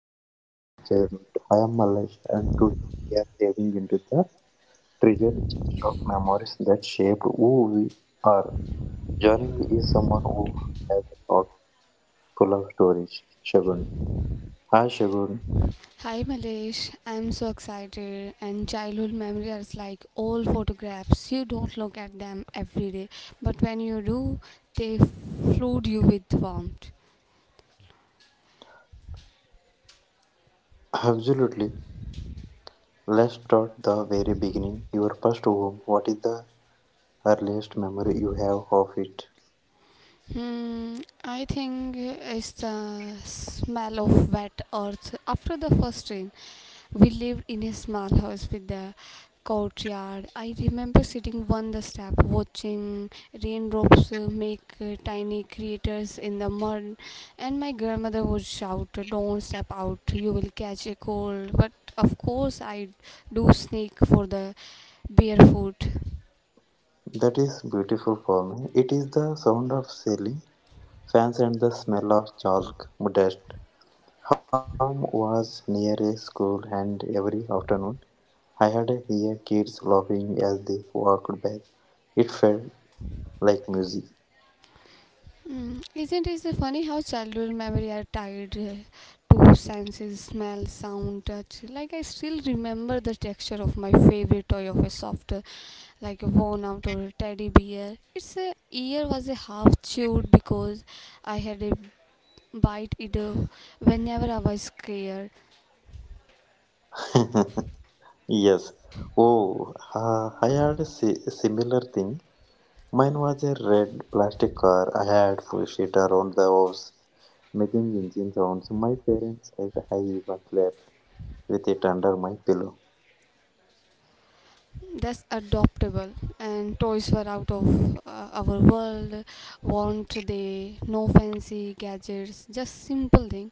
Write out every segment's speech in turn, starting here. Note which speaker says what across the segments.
Speaker 1: to Hacks of Childhood. I am Malesh and today we are diving into the treasure chest of memories that shaped who we are. Joining me is someone who has a heart full of stories, Shagun. Hi Shagun.
Speaker 2: Hi Malesh, I'm so excited and childhood memory is like old photographs. You don't look at them every day, but when you do, they flood you with warmth.
Speaker 1: Absolutely. Let's start the very beginning. Your first home. What is the earliest memory you have of it?
Speaker 2: I think it's the smell of wet earth. After the first rain, we lived in a small house with a courtyard. I remember sitting on the step, watching raindrops make tiny craters in the mud, and my grandmother would shout, "Don't step out! You will catch a cold." But of course, I do sneak for the barefoot.
Speaker 1: That is beautiful for me. It is the sound of sailing, fans and the smell of chalk, dust. Our room was near a school, and every afternoon I had to hear kids laughing as they walked back. It felt like music.
Speaker 2: Isn't it so funny how childhood memory are tied to senses, smell, sound, touch? Like I still remember the texture of my favorite toy of a soft, like a worn out or a teddy bear. Its ear was a half chewed because I had a bite it whenever I was scared.
Speaker 1: Yes. Oh, I had a si similar thing. Mine was a red plastic car. I had pushed it around the house, making engine sounds. My parents said I even slept with it under my pillow.
Speaker 2: That's adoptable and toys were out of our world want they no fancy gadgets just simple thing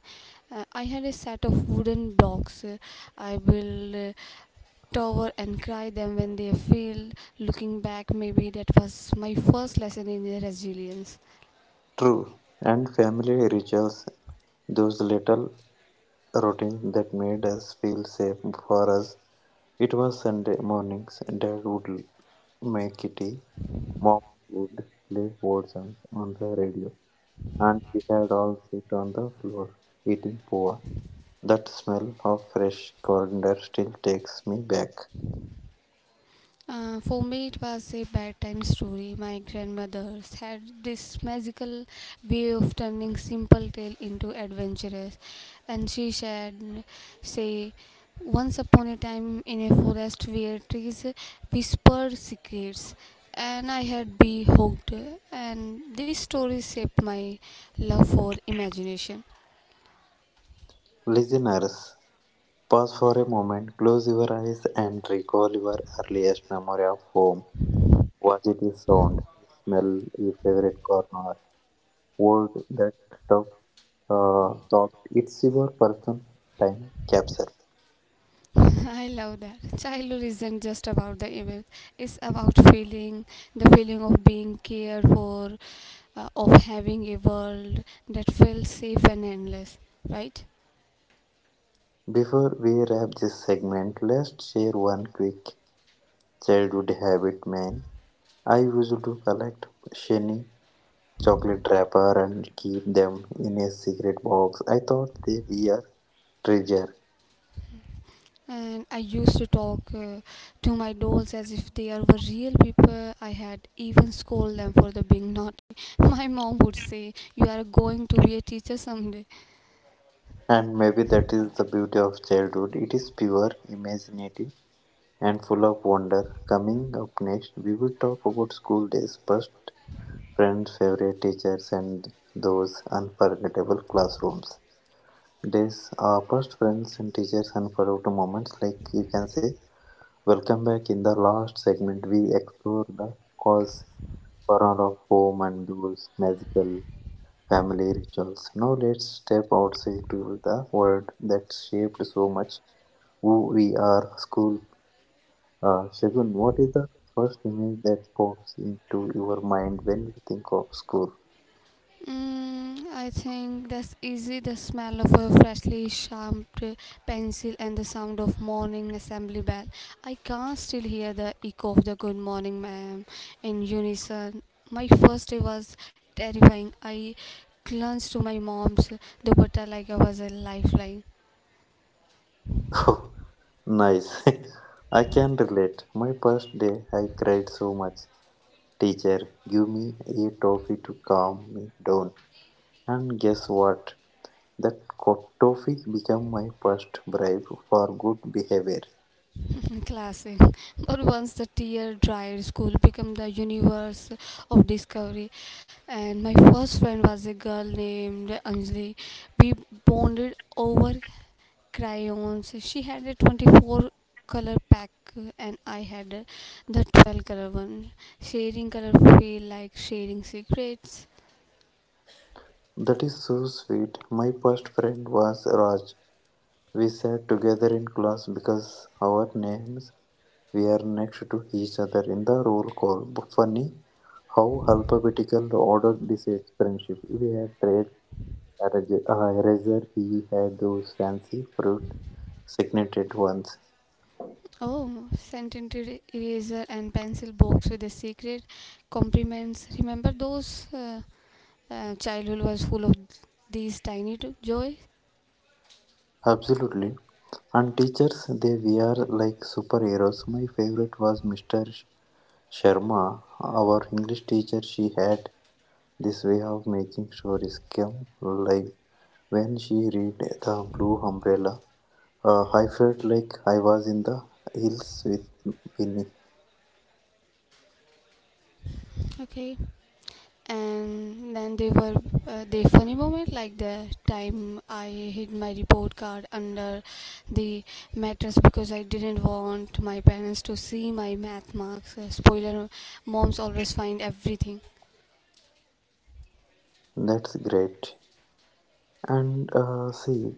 Speaker 2: I had a set of wooden blocks I will tower and cry them when they fail looking back maybe that was my first lesson in the resilience.
Speaker 1: True. And family rituals, those little routine that made us feel safe. For us, it was Sunday mornings. Dad would make tea, Mom would play word songs on the radio, and we had all sit on the floor eating poa. That smell of fresh coriander still takes me back.
Speaker 2: For me, it was a bedtime story. My grandmothers had this magical way of turning simple tale into adventurous, and she said, "Say, once upon a time in a forest where trees whispered secrets, and I had be hooked." And this story shaped my love for imagination.
Speaker 1: Listeners, pause for a moment, close your eyes, and recall your earliest memory of home. Was it a sound, a smell, a favorite corner, word that stuck thought it's your personal time capsule.
Speaker 2: I love that. Childhood isn't just about the event, it's about feeling the feeling of being cared for, of having a world that feels safe and endless, right?
Speaker 1: Before we wrap this segment, let's share one quick childhood habit, man. I used to collect shiny chocolate wrapper and keep them in a secret box. I thought they were treasure.
Speaker 2: And I used to talk to my dolls as if they are were real people. I had even scold them for the being naughty. My mom would say, "You are going to be a teacher someday."
Speaker 1: And maybe that is the beauty of childhood. It is pure, imaginative, and full of wonder. Coming up next, we will talk about school days, First. Friends, favorite teachers, and those unforgettable classrooms. These are past friends and teachers unforgettable moments, like you can say. Welcome back. In the last segment, we explore the cause, corner of home, and those magical family rituals. Now, let's step outside to the world that shaped so much who we are, school. Shagun, what is the first image that pops into your mind when you think of school?
Speaker 2: I think that's easy. The smell of a freshly sharpened pencil and the sound of morning assembly bell. I can still hear the echo of the good morning, ma'am, in unison. My first day was terrifying. I clung to my mom's dupatta like I was a lifeline.
Speaker 1: Oh, nice. I can relate. My first day, I cried so much. Teacher, give me a toffee to calm me down. And guess what? That toffee became my first bribe for good behavior.
Speaker 2: Classic. But once the tear dried, school became the universe of discovery. And my first friend was a girl named Anjali. We bonded over crayons. She had a 24 color pack and I had the 12 color one. Sharing color feel like sharing secrets.
Speaker 1: That is so sweet. My first friend was Raj. We sat together in class because our names were next to each other in the roll call. But funny how alphabetical order decides friendship. We had eraser. He had those fancy fruit signeted ones.
Speaker 2: Oh, scented eraser and pencil box with a secret compliments. Remember those? Childhood was full of these tiny joys.
Speaker 1: Absolutely. And teachers, they were like superheroes. My favorite was Mr. Sharma, our English teacher. She had this way of making stories come alive. When she read The Blue Umbrella, I felt like I was in the hills with Winnie.
Speaker 2: Okay. And then they were the funny moment like the time I hid my report card under the mattress because I didn't want my parents to see my math marks spoiler moms always find everything.
Speaker 1: That's great. And see,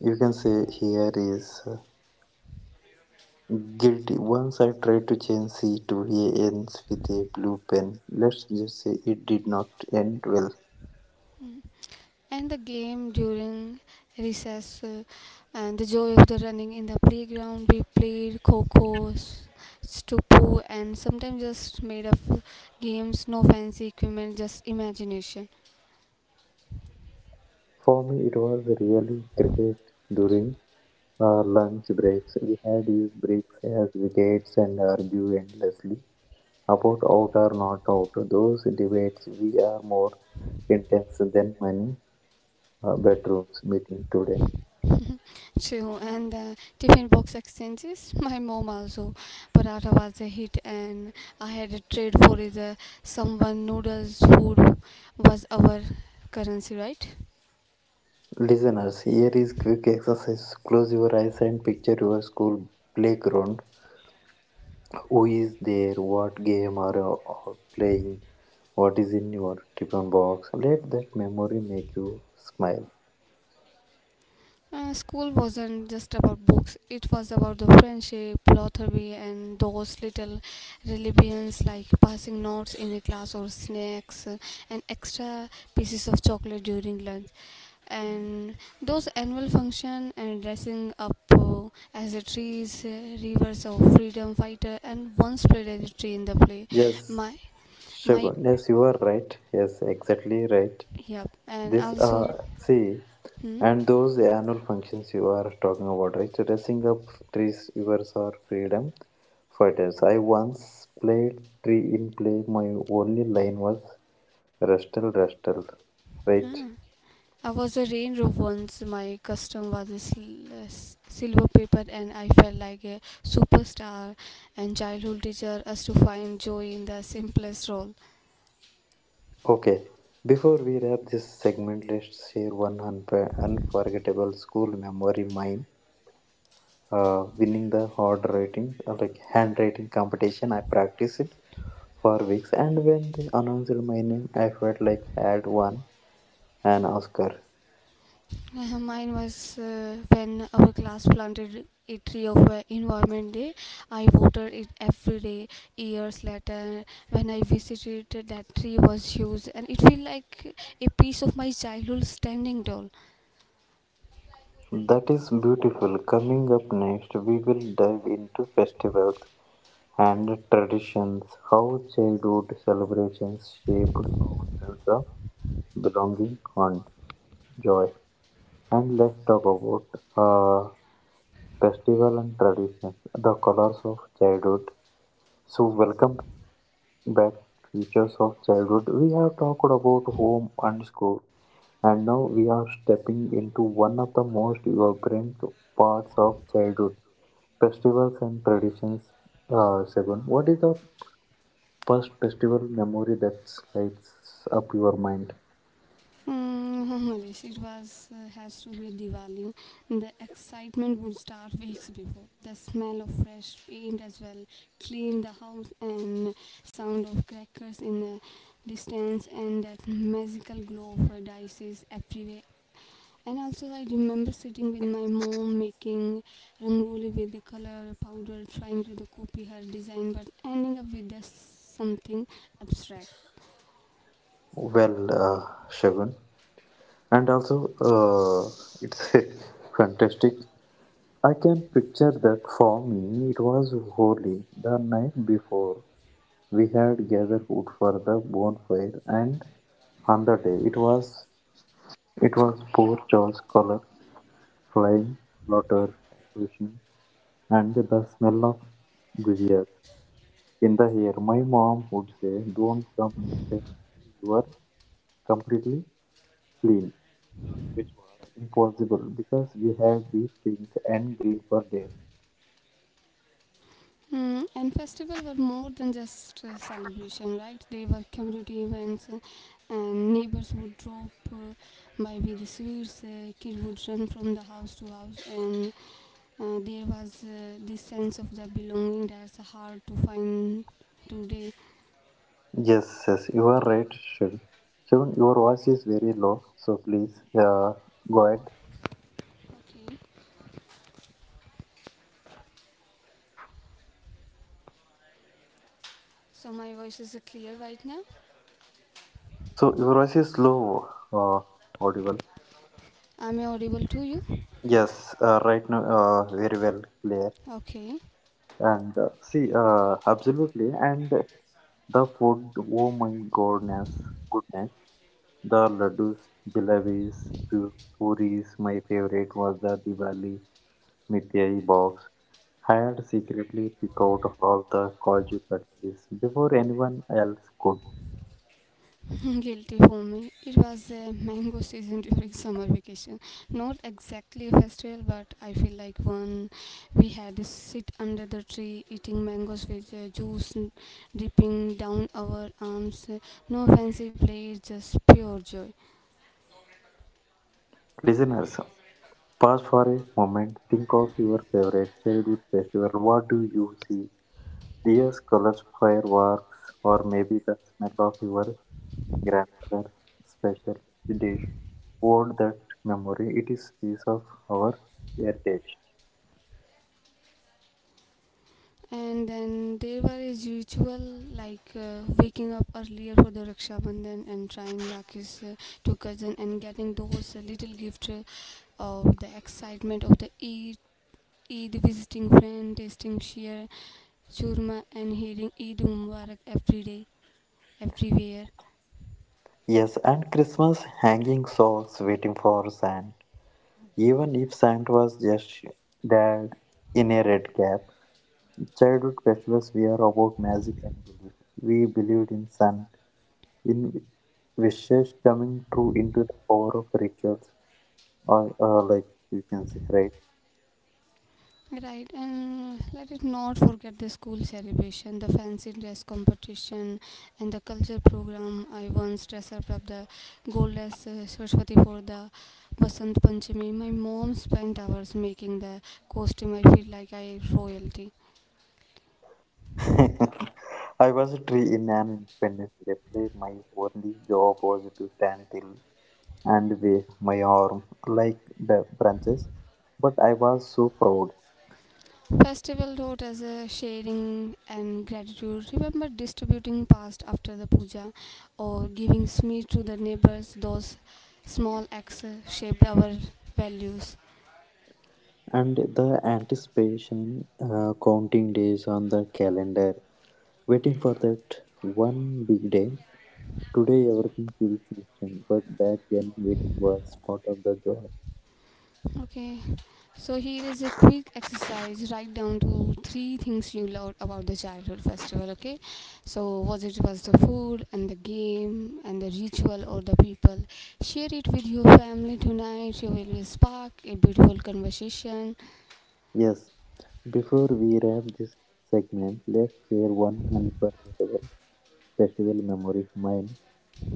Speaker 1: you can say here is guilty. Once I tried to change C to A ends with a blue pen. Let's just say it did not end well.
Speaker 2: Mm. And the game during recess and the joy of the running in the playground. We played coco, stupu, and sometimes just made up games, no fancy equipment, just imagination.
Speaker 1: For me, it was really cricket during our lunch breaks. We had used bricks as wickets and argue endlessly about out or not out. Those debates we are more intense than many bedrooms meeting today.
Speaker 2: True, and the tiffin box exchanges. My mom also, paratha was a hit, and I had a trade for the someone noodles. Food was our currency, right?
Speaker 1: Listeners, here is quick exercise. Close your eyes and picture your school playground. Who is there? What game are you all playing? What is in your tiffin box? Let that memory make you smile.
Speaker 2: School wasn't just about books, it was about the friendship, lottery, and those little religions like passing notes in a class or snacks and extra pieces of chocolate during lunch. And those annual function and dressing up as a trees, rivers of freedom fighter, and once played as a tree in the play.
Speaker 1: Yes,
Speaker 2: My, my,
Speaker 1: Shagun. Yes, you are right. Yes, exactly right.
Speaker 2: yeah, and
Speaker 1: This
Speaker 2: also,
Speaker 1: see,
Speaker 2: hmm,
Speaker 1: and those annual functions you are talking about, right? Dressing up trees, yours are freedom fighters. I once played tree in play. My only line was rustle, rustle,
Speaker 2: huh.
Speaker 1: right?
Speaker 2: I was a raindrop once. My costume was a silver paper, and I felt like a superstar. And childhood teacher us to find joy in the simplest role.
Speaker 1: Okay, before we wrap this segment, let's share one unforgettable school memory mine. Winning the hard writing, like handwriting competition, I practiced it for weeks, and when they announced my name, I felt like I had won an Oscar.
Speaker 2: Mine was when our class planted a tree of Environment Day. I watered it every day. Years later, when I visited, that tree was huge, and it felt like a piece of my childhood standing tall.
Speaker 1: That is beautiful. Coming up next, we will dive into festivals and traditions, how childhood celebrations shaped our sense of belonging and joy. And let's talk about uh, festival and traditions, the colors of childhood. So, welcome back, features of childhood. We have talked about home and school, and now we are stepping into one of the most vibrant parts of childhood festivals and traditions. Seven, what is the first festival memory that lights up your mind?
Speaker 2: Yes, it was has to be a Diwali. The excitement would start weeks before. The smell of fresh paint as well, clean the house, and sound of crackers in the distance, and that magical glow of her dices everywhere. And also, I remember sitting with my mom making rangoli with the color powder, trying to copy her design, but ending up with just something abstract.
Speaker 1: Well, Shagun, and also it's fantastic. I can picture that. For me it was Holy. The night before we had gathered wood for the bonfire, and on the day it was poor Joe's colors, flying water, explosion and the smell of gujias in the air. My mom would say, "Don't come inside until you are completely clean," which was impossible because we had been pink and green for days.
Speaker 2: And festivals were more than just celebration, right? They were community events, and neighbors would drop by with the sweets. Kid would run from the house to house, and there was this sense of the belonging that's hard to find today.
Speaker 1: Yes, yes, you are right, Shiv. Shiv, your voice is very low, so please go ahead.
Speaker 2: Okay, so my voice is clear right now.
Speaker 1: So your voice is low, audible.
Speaker 2: Am I audible to you?
Speaker 1: Yes, right now, very well, clear.
Speaker 2: Okay.
Speaker 1: And see, absolutely. And the food, oh my goodness. The laddus, jalebis, puris. My favorite was the Diwali Mithai box. I had secretly picked out all the Kaju cutleries before anyone else could.
Speaker 2: Guilty for me. It was a mango season during summer vacation. Not exactly a festival, but I feel like one. We had to sit under the tree eating mangoes with juice dripping down our arms. No fancy plate, just pure joy.
Speaker 1: Listeners, pause for a moment. Think of your favorite childhood festival. What do you see? Dias, colors, fireworks, or maybe the smell of your grandmother's special dish. Hold that memory. It is piece of our heritage.
Speaker 2: And then there was a ritual like waking up earlier for the Raksha Bandhan and trying Rakis to cousin and getting those little gift of the excitement of the Eid visiting friend, tasting sheer churma and hearing Eid Mubarak every day, everywhere.
Speaker 1: Yes, and Christmas hanging socks waiting for Santa. Even if Santa was just dad in a red cap, childhood festivals were about magic and belief. We believed in sun, in wishes coming true into the power of rituals or like you can say, right?
Speaker 2: Right, and let it not forget the school celebration, the fancy dress competition, and the culture program. I once dressed up the goddess Saraswati for the Vasant Panchami. My mom spent hours making the costume. I feel like I royalty.
Speaker 1: I was a tree in an Independence Day play. My only job was to stand still and wave my arm like branches, but I was so proud.
Speaker 2: Festival taught as a sharing and gratitude. Remember distributing past after the puja or giving sweet to the neighbors. Those small acts shaped our values.
Speaker 1: And the anticipation, counting days on the calendar, waiting for that one big day. Today everything feels instant, but back then waiting was part of the joy.
Speaker 2: Okay, so here is a quick exercise. Write down to three things you loved about the childhood festival. Okay, so was it was the food and the game and the ritual or the people. Share it with your family tonight. You will spark a beautiful conversation.
Speaker 1: Yes. Before we wrap this segment, let's share one unforgettable festival memory. Mine,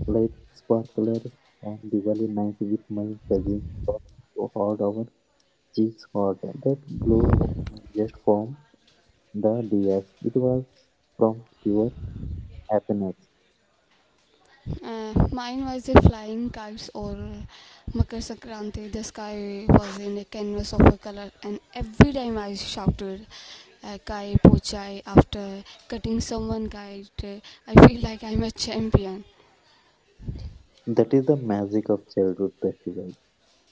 Speaker 1: lighting sparklers on Diwali night with my cousins, laughing so hard our cheeks hot. That glow was not just from the dias. It was from pure happiness.
Speaker 2: Mine was the flying kites or Makar Sankranti. The sky was in a canvas of a color, and every time I shouted "Kai Pochai" after cutting someone kite, I feel like I'm a champion.
Speaker 1: That is the magic of childhood festivals.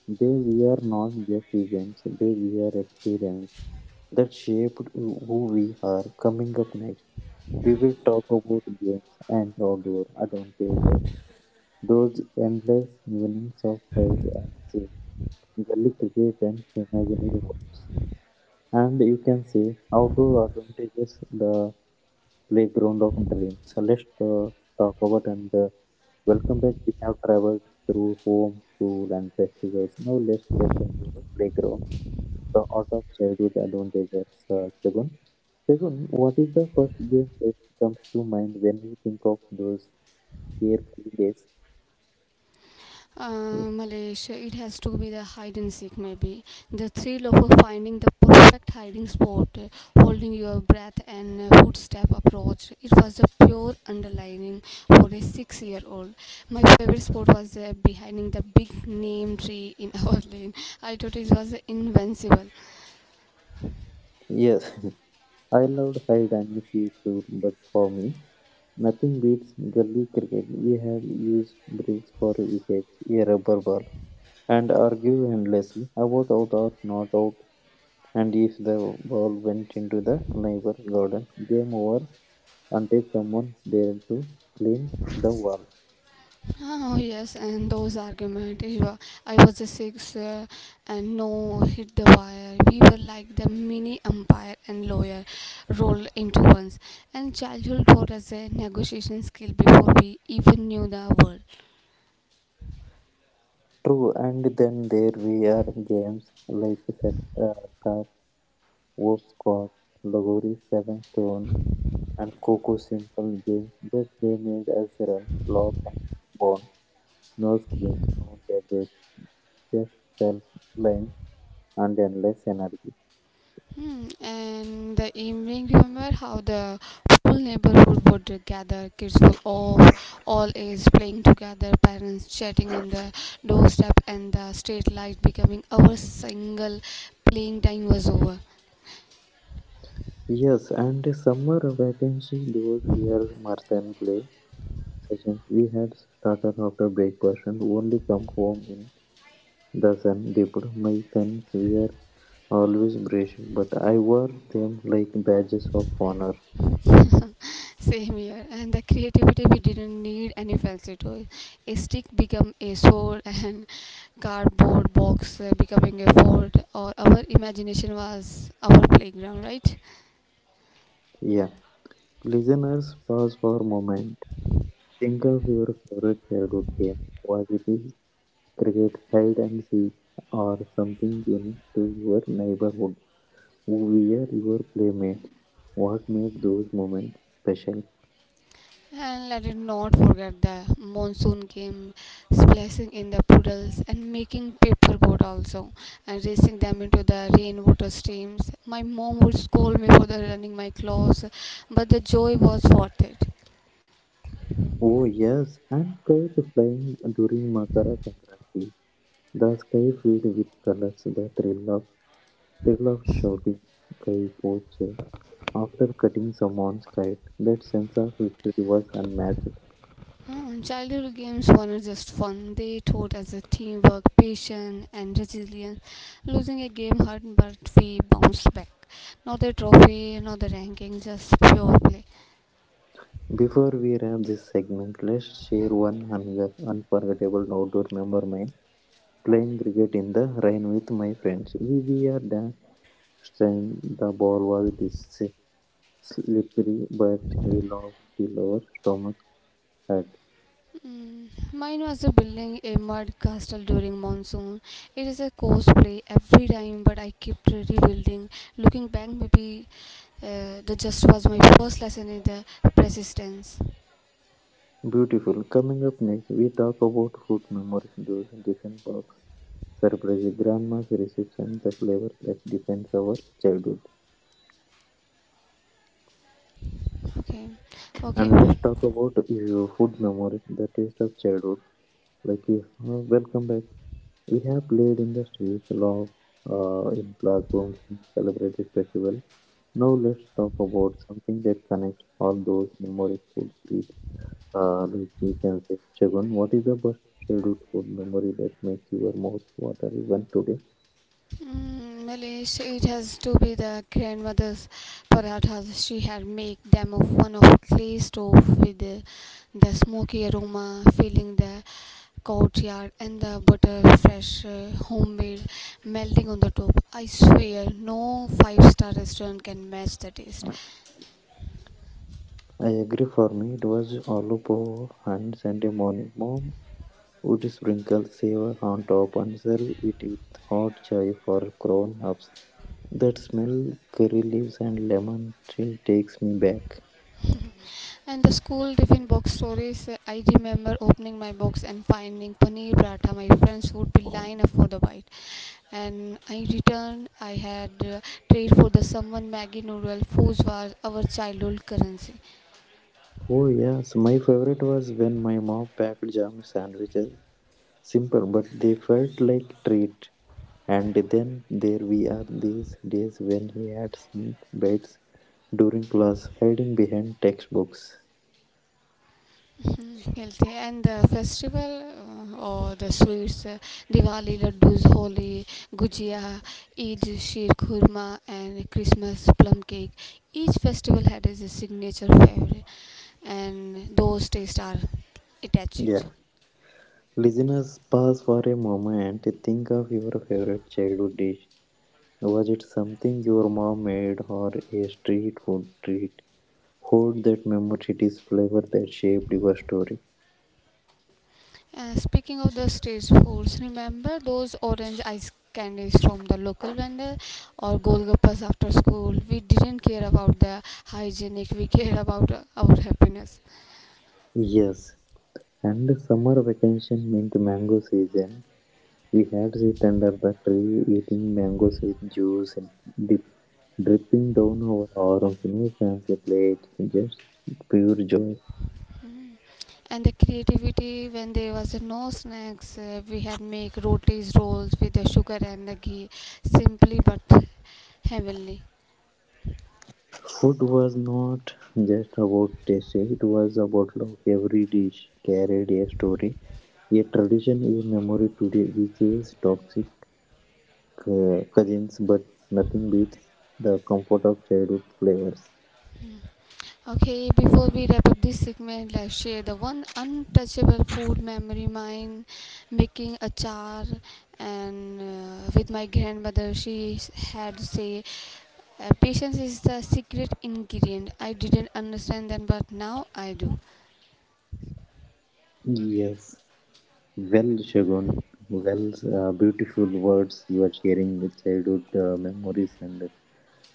Speaker 1: They were not just events; they were experiences that shaped who we are. Coming up next. We will talk about games and outdoor advantages, those endless evenings of hide and seek, gully cricket and imaginary worlds. And you can say outdoor advantages, the playground of dreams. So let's talk about. And welcome back. We have traveled through home, school, and festivals. Now let's step into the playground, the art of childhood advantages. Shagun, what is the first game that comes to mind when you think of those carefree days?
Speaker 2: Uh, Malaysia, it has to be the hide and seek, maybe. The thrill of finding the perfect hiding spot, holding your breath, and footstep approach. It was a pure underlining for a 6 year old. My favorite spot was behind the big name tree in our lane. I thought it was invincible.
Speaker 1: Yes, I loved hide and seek too, but for me, nothing beats gully cricket. We had used bricks for wickets, a rubber ball, and argue endlessly about out or not out. And if the ball went into the neighbor garden, game over until someone dared to clean the wall.
Speaker 2: Oh yes, and those arguments. I was a six, and no hit the wire. We were like the mini umpire and lawyer rolled into ones. And childhood taught us a negotiation skill before we even knew the word.
Speaker 1: True, and then there were games like set, uh, stop, hopscotch, logori, seven stone, and Coco simple games, but they made us run, laugh, and bond. No screens, no gadgets, just cell lines and endless energy.
Speaker 2: And the evening, remember how the whole neighborhood would gather, kids from all ages playing together, parents chatting on the doorstep, and the street light becoming our single playing time was over.
Speaker 1: Yes, and summer vacation, those years marathon play sessions we had started after breakfast and only come home in the sun dipped. My guns were always braced, but I wore them like badges of honor.
Speaker 2: Same here, and the creativity we didn't need any fancy toys. A stick become a sword, and cardboard box becoming a fort, or our imagination was our playground, right?
Speaker 1: Yeah, listeners, pause for a moment. Think of your favorite childhood game. Was it is cricket, hide and seek, or something in to your neighborhood? Who were your playmates? What made those moments special?
Speaker 2: And let it not forget the monsoon came splashing in the puddles and making paperboard also and racing them into the rainwater streams. My mom would scold me for the running my clothes, but the joy was worth it.
Speaker 1: Oh yes, and kite flying during Makara Sankranti. The sky filled with colors, the thrill of shouting "Kai Poche" after cutting someone's kite. That sense of victory was unmatched.
Speaker 2: Hmm, childhood games weren't just fun. They taught us a teamwork, patience, and resilience. Losing a game hurt, but we bounced back. Not the trophy, not the ranking, just pure play.
Speaker 1: Before we wrap this segment, let's share one another unforgettable outdoor member mine. Playing cricket in the rain with my friends. We were strained, the ball was slippery, but we laughed till our stomachs hurt.
Speaker 2: Mm, Mine was a building a mud castle during monsoon. It is a cosplay every time, but I kept rebuilding. Looking back, maybe that just was my first lesson in the persistence.
Speaker 1: Beautiful. Coming up next, we talk about food memories, those different box, surprises, grandma's recipes, and the flavors that defines our childhood.
Speaker 2: Okay, okay.
Speaker 1: And let's talk about your food memories, the taste of childhood. Like, welcome back. We have played in the streets, love, in classrooms, and celebrated festival. Now let's talk about something that connects all those memories food breed. Like we can say, Shagun, what is the best scheduled food memory that makes your mouth water even today?
Speaker 2: Mm, Malish, it has to be the grandmother's parathas. She had make them of one of clay stove with the smoky aroma filling the courtyard and the butter fresh homemade melting on the top. I swear no five-star restaurant can match the taste.
Speaker 1: I agree. For me, it was aloo poho and Sunday morning. Mom would sprinkle savor on top and serve it with hot chai for grown ups. That smell, curry leaves and lemon still takes me back.
Speaker 2: And the school tiffin box stories, I remember opening my box and finding paneer paratha. My friends would be lined up for the bite. And I returned, I had trade for the someone Maggie noodle, whose was our childhood currency.
Speaker 1: Oh, yes, my favorite was when my mom packed jam sandwiches. Simple, but they felt like treat. And then there we are these days when he had sneak bites during class, hiding behind textbooks.
Speaker 2: Mhm, healthy and the festival uh, or the sweets Diwali laddus, Holi, gujia, Eid sheer khurma and Christmas plum cake. Each festival had its signature flavor and those tastes are
Speaker 1: Yeah.
Speaker 2: attached.
Speaker 1: Listeners, pause for a moment. Think of your favorite childhood dish. Was it something your mom made or a street food treat? Hold that memory, it is flavor that shaped your story.
Speaker 2: Speaking of the street foods, remember those orange ice candies from the local vendor or golgappas after school? We didn't care about the hygienic, we care about our happiness.
Speaker 1: Yes. And summer vacation meant mango season. We had sit under the tree eating mangoes with juice and dip, dripping down our arms. No fancy plates, just pure joy.
Speaker 2: Mm. And the creativity when there was no snacks, we had make rotis rolls with the sugar and the ghee, simply but heavenly.
Speaker 1: Food was not just about taste, it was about love. Every dish carried a story, a tradition, a memory. Today, we chase toxic cousins, but nothing beats the comfort of childhood flavors.
Speaker 2: Okay, before we wrap up this segment, let's share the one untouchable food memory mine, making achar, and with my grandmother, she had say, patience is the secret ingredient. I didn't understand then, but now I do.
Speaker 1: Yes. Well, Shagun, well, beautiful words you are sharing with childhood memories and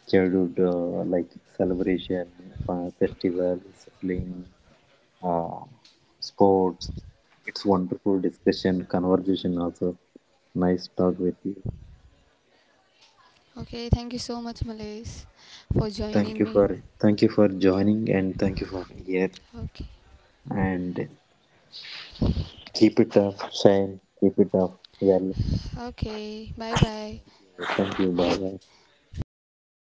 Speaker 1: childhood like celebration, festivals, playing, uh, sports. It's wonderful discussion, conversation also. Nice talk with you.
Speaker 2: Okay, thank you so much, Malays, for joining me.
Speaker 1: Thank you for joining and thank you for here
Speaker 2: Okay,
Speaker 1: and keep it up, Shane. Keep it up. Well,
Speaker 2: okay, bye bye.
Speaker 1: thank you. Bye bye.